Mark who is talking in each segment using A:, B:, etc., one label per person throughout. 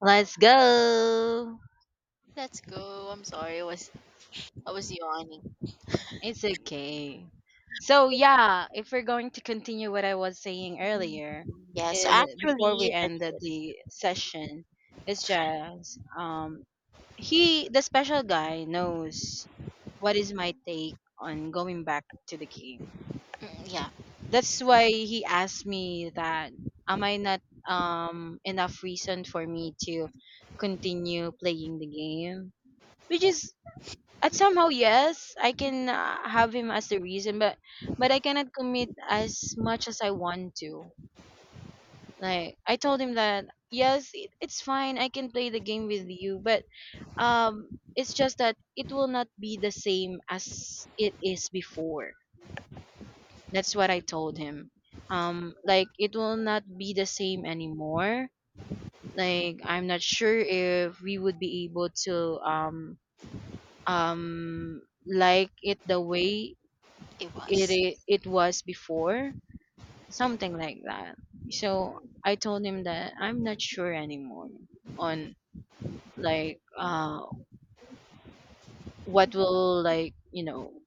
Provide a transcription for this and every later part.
A: Let's go.
B: Let's go. I'm sorry. I was yawning.
A: It's okay. So yeah, if we're going to continue what I was saying
B: Mhm.
A: earlier,
B: Yes,
A: before we
B: actually, that's
A: ended
B: it.
A: the session, it's just he the special guy knows what is my take on going back to the game.
B: Mm, yeah,
A: That's why he asked me that am I not enough reason for me to continue playing the game? Which is at somehow, yes, I can have him as the reason, but I cannot commit as much as I want to. Like I told him that yes, it's fine. I can play the game with you, but it's just that it will not be the same as it is before. That's what I told him. Like it will not be the same anymore. Like I'm not sure if we would be able to um um like it the way
B: it
A: it
B: was.
A: i- it was before,
B: Yeah.
A: something like that. So I told him that I'm not sure anymore on, like, what will, like,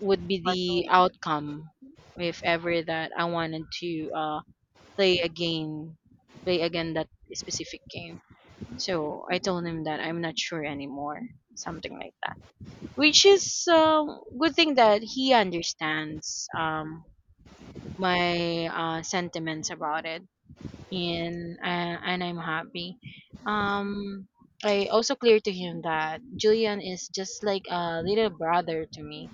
A: would be
B: But no,
A: the
B: it's
A: outcome if ever that I wanted to play again, that specific game. So I told him that I'm not sure anymore, something like that, which is good thing that he understands my sentiments about it, and I'm happy. Um, I also clear to him that Julian is just like a little brother to me,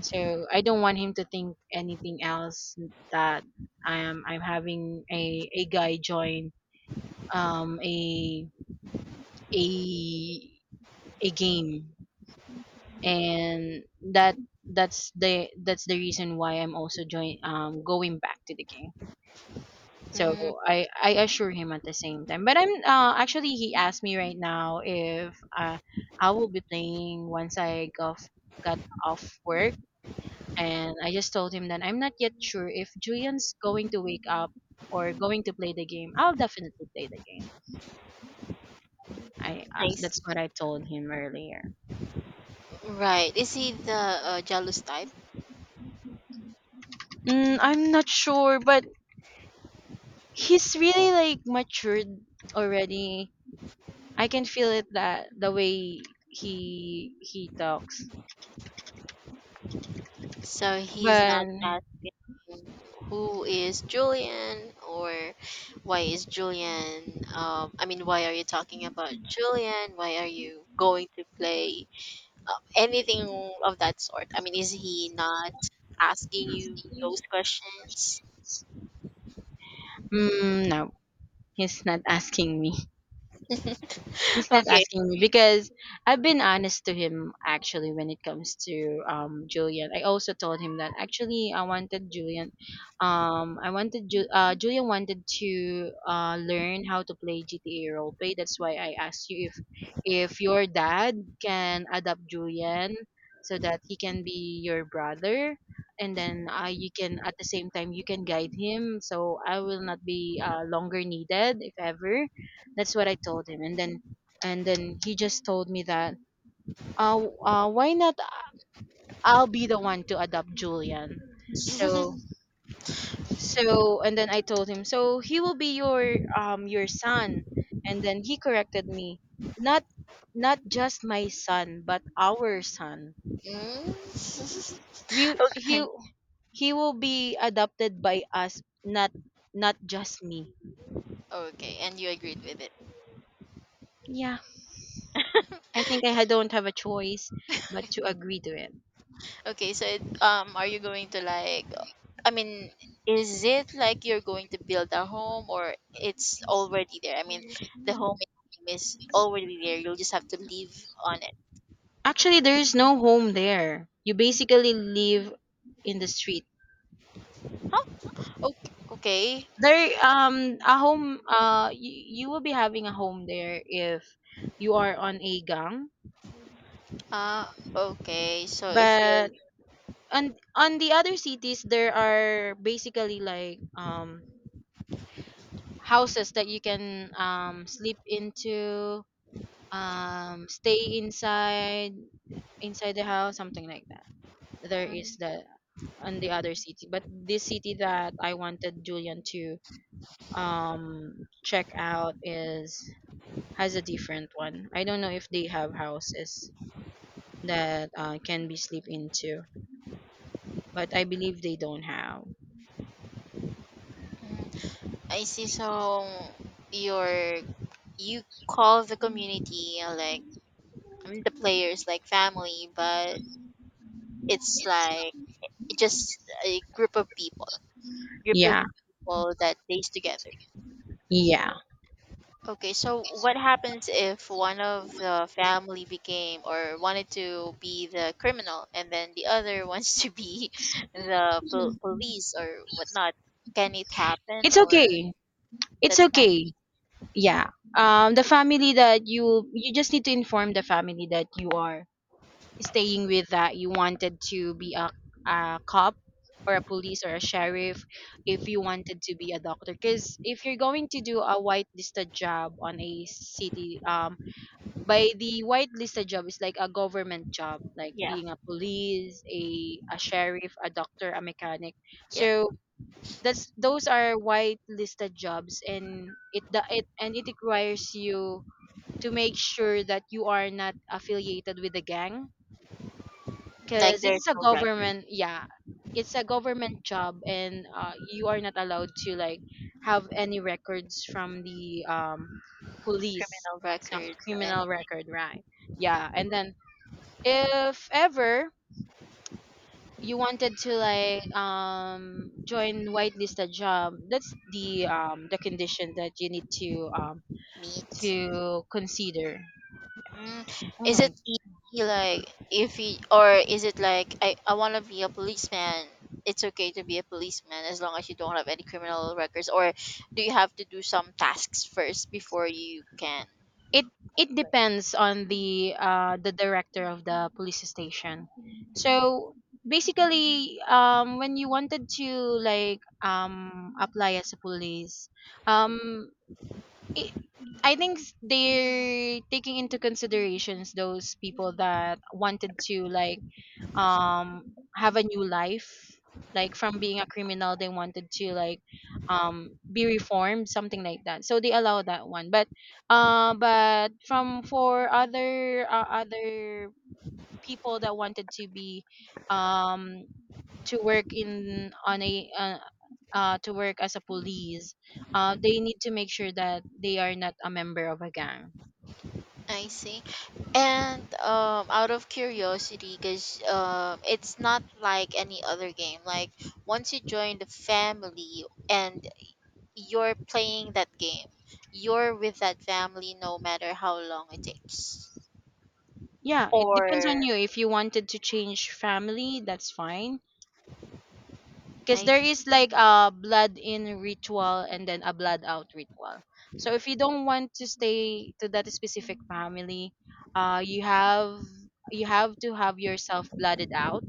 A: so I don't want him to think anything else that I'm having a guy join um a a a game, and that that's the reason why I'm also join going back to the game. So
B: mm,
A: I assure him at the same time. But I'm actually he asked me right now if I will be playing once I got, got off work. And I just told him that I'm not yet sure. If Julian's going to wake up or going to play the game, I'll definitely play the game. I That's
B: nice.
A: what I told him earlier.
B: Right. Is he the jealous type?
A: Mm, I'm not sure, but he's really like matured already. I can feel it that the way he talks.
B: So he's
A: But
B: not asking who is Julian or why is Julian? I mean, why are you talking about Julian? Why are you going to play? Anything of that sort. I mean, is he not asking you those questions?
A: mm, no, he's not asking me. He's not
B: Okay.
A: asking me because I've been honest to him actually when it comes to Julian. I also told him that actually I wanted Julian I wanted Julian wanted to learn how to play GTA roleplay. That's why I asked you if your dad can adopt Julian so that he can be your brother, and then you can at the same time you can guide him so I will not be longer needed if ever. That's what I told him. And then he just told me that, uh, why not I'll be the one to adopt Julian. So and then I told him, so he will be your son. And then he corrected me, not, not just my son, but our son.
B: Mm.
A: We he
B: Okay.
A: he will be adopted by us, not, not just me.
B: Okay, and you agreed with it.
A: Yeah, I think don't have a choice but to agree to it.
B: Okay, so it, are you going to like? I mean, is it like you're going to build a home, or it's already there? I mean, the home is already there. You'll just have to live on it.
A: Actually, there is no home there. You basically live in the street.
B: Huh? Okay. Okay.
A: There, a home. You will be having a home there if you are on a gang.
B: Okay. So if you're,
A: But on the other cities, there are basically like houses that you can sleep into, stay inside, the house, something like that. There is
B: mm,
A: the On the other city. But this city that I wanted Julian to um check out is, has a different one. I don't know if they have houses that can be sleep into, but I believe they don't have.
B: mm, I see. So you're you call the community like the players like family, but it's like it's just a group of
A: Yeah,
B: people that stays together.
A: yeah.
B: Okay, so what happens if one of the family became or wanted to be the criminal, and then the other wants to be the pol- police or whatnot? Can it happen,
A: It's
B: or
A: okay. It's
B: that's fine?
A: okay. Yeah. The family that you just need to inform the family that you are staying with that you wanted to be a cop or a police or a sheriff, if you wanted to be a doctor. Because if you're going to do a whitelisted job on a city, by the whitelisted job is like a government job, like
B: Yeah,
A: being a police, a sheriff, a doctor, a mechanic.
B: yeah.
A: So that's, those are whitelisted jobs, and it, the it and it requires you to make sure that you are not affiliated with a gang
B: Like
A: because
B: there's
A: it's a
B: no record,
A: government, yeah, it's a government job. And you are not allowed to like have any records from the police,
B: criminal
A: some
B: record or
A: criminal
B: anything.
A: record, right? Yeah. And then if ever you wanted to like join whitelisted job, that's the condition that you need
B: Meat.
A: to consider.
B: Mm,
A: Oh
B: is it
A: my.
B: easy, like if he or is it like I want to be a policeman? It's okay to be a policeman as long as you don't have any criminal records, or do you have to do some tasks first before you can?
A: it it depends on the director of the police station. So basically when you wanted to like apply as a police, um it, I think they're taking into considerations those people that wanted to like have a new life, like from being a criminal they wanted to like be reformed, something like that, so they allow that one. But but from, for other other people that wanted to be um to work in on a to work as a police, they need to make sure that they are not a member of a gang.
B: I see. And out of curiosity, because it's not like any other game. Like once you join the family and you're playing that game, you're with that family no matter how long it takes.
A: Yeah, it depends on
B: Or
A: you. If you wanted to change family, that's fine. Because
B: I
A: there is like a blood in ritual and then a blood out ritual. So if you don't want to stay to that specific family, you have, you have to have yourself blooded out.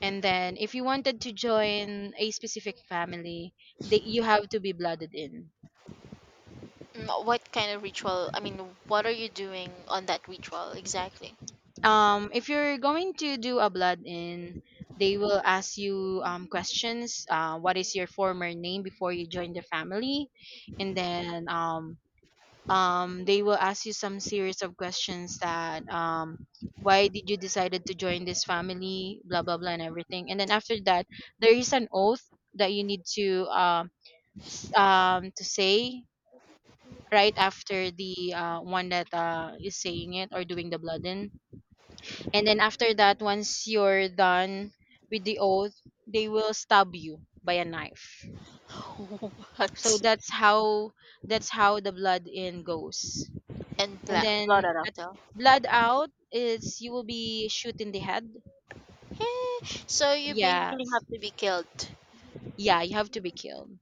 A: And then if you wanted to join a specific family, they, you have to be blooded in.
B: mm, what kind of ritual? I mean, what are you doing on that ritual exactly?
A: If you're going to do a blood in, they will ask you questions. What is your former name before you join the family? And then they will ask you some series of questions that why did you decided to join this family, blah blah blah, and everything. And then after that, there is an oath that you need to to say right after the one that is saying it or doing the blood in. And then after that, once you're done with the oath, they will stab you by a knife. So
B: What?
A: that's how, that's how the blood in goes.
B: And
A: And
B: blah blah
A: then
B: blah.
A: at
B: Blah.
A: blood out is you will be shoot in the head.
B: Eh, so you basically
A: Yes.
B: have to be killed.
A: Yeah, you have to be killed.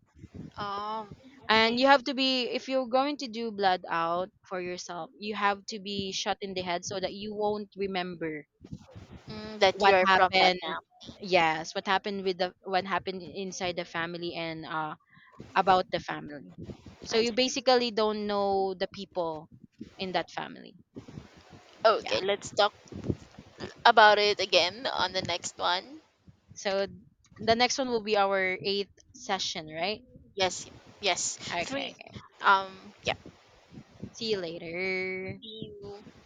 B: Um. Okay.
A: And you have to be, if you're going to do blood out for yourself, you have to be shot in the head so that you won't remember
B: Mm, that you
A: what
B: are from that
A: happened.
B: now.
A: Yes, what happened with the, what happened inside the family, and about the family. So
B: I
A: you
B: see.
A: basically don't know the people in that family. Yeah.
B: Okay, let's talk about it again on the next one.
A: So the next one will be our eighth session, right?
B: Yes. Yes.
A: Okay,
B: Three.
A: okay.
B: Um. Yeah.
A: See you later.
B: See you.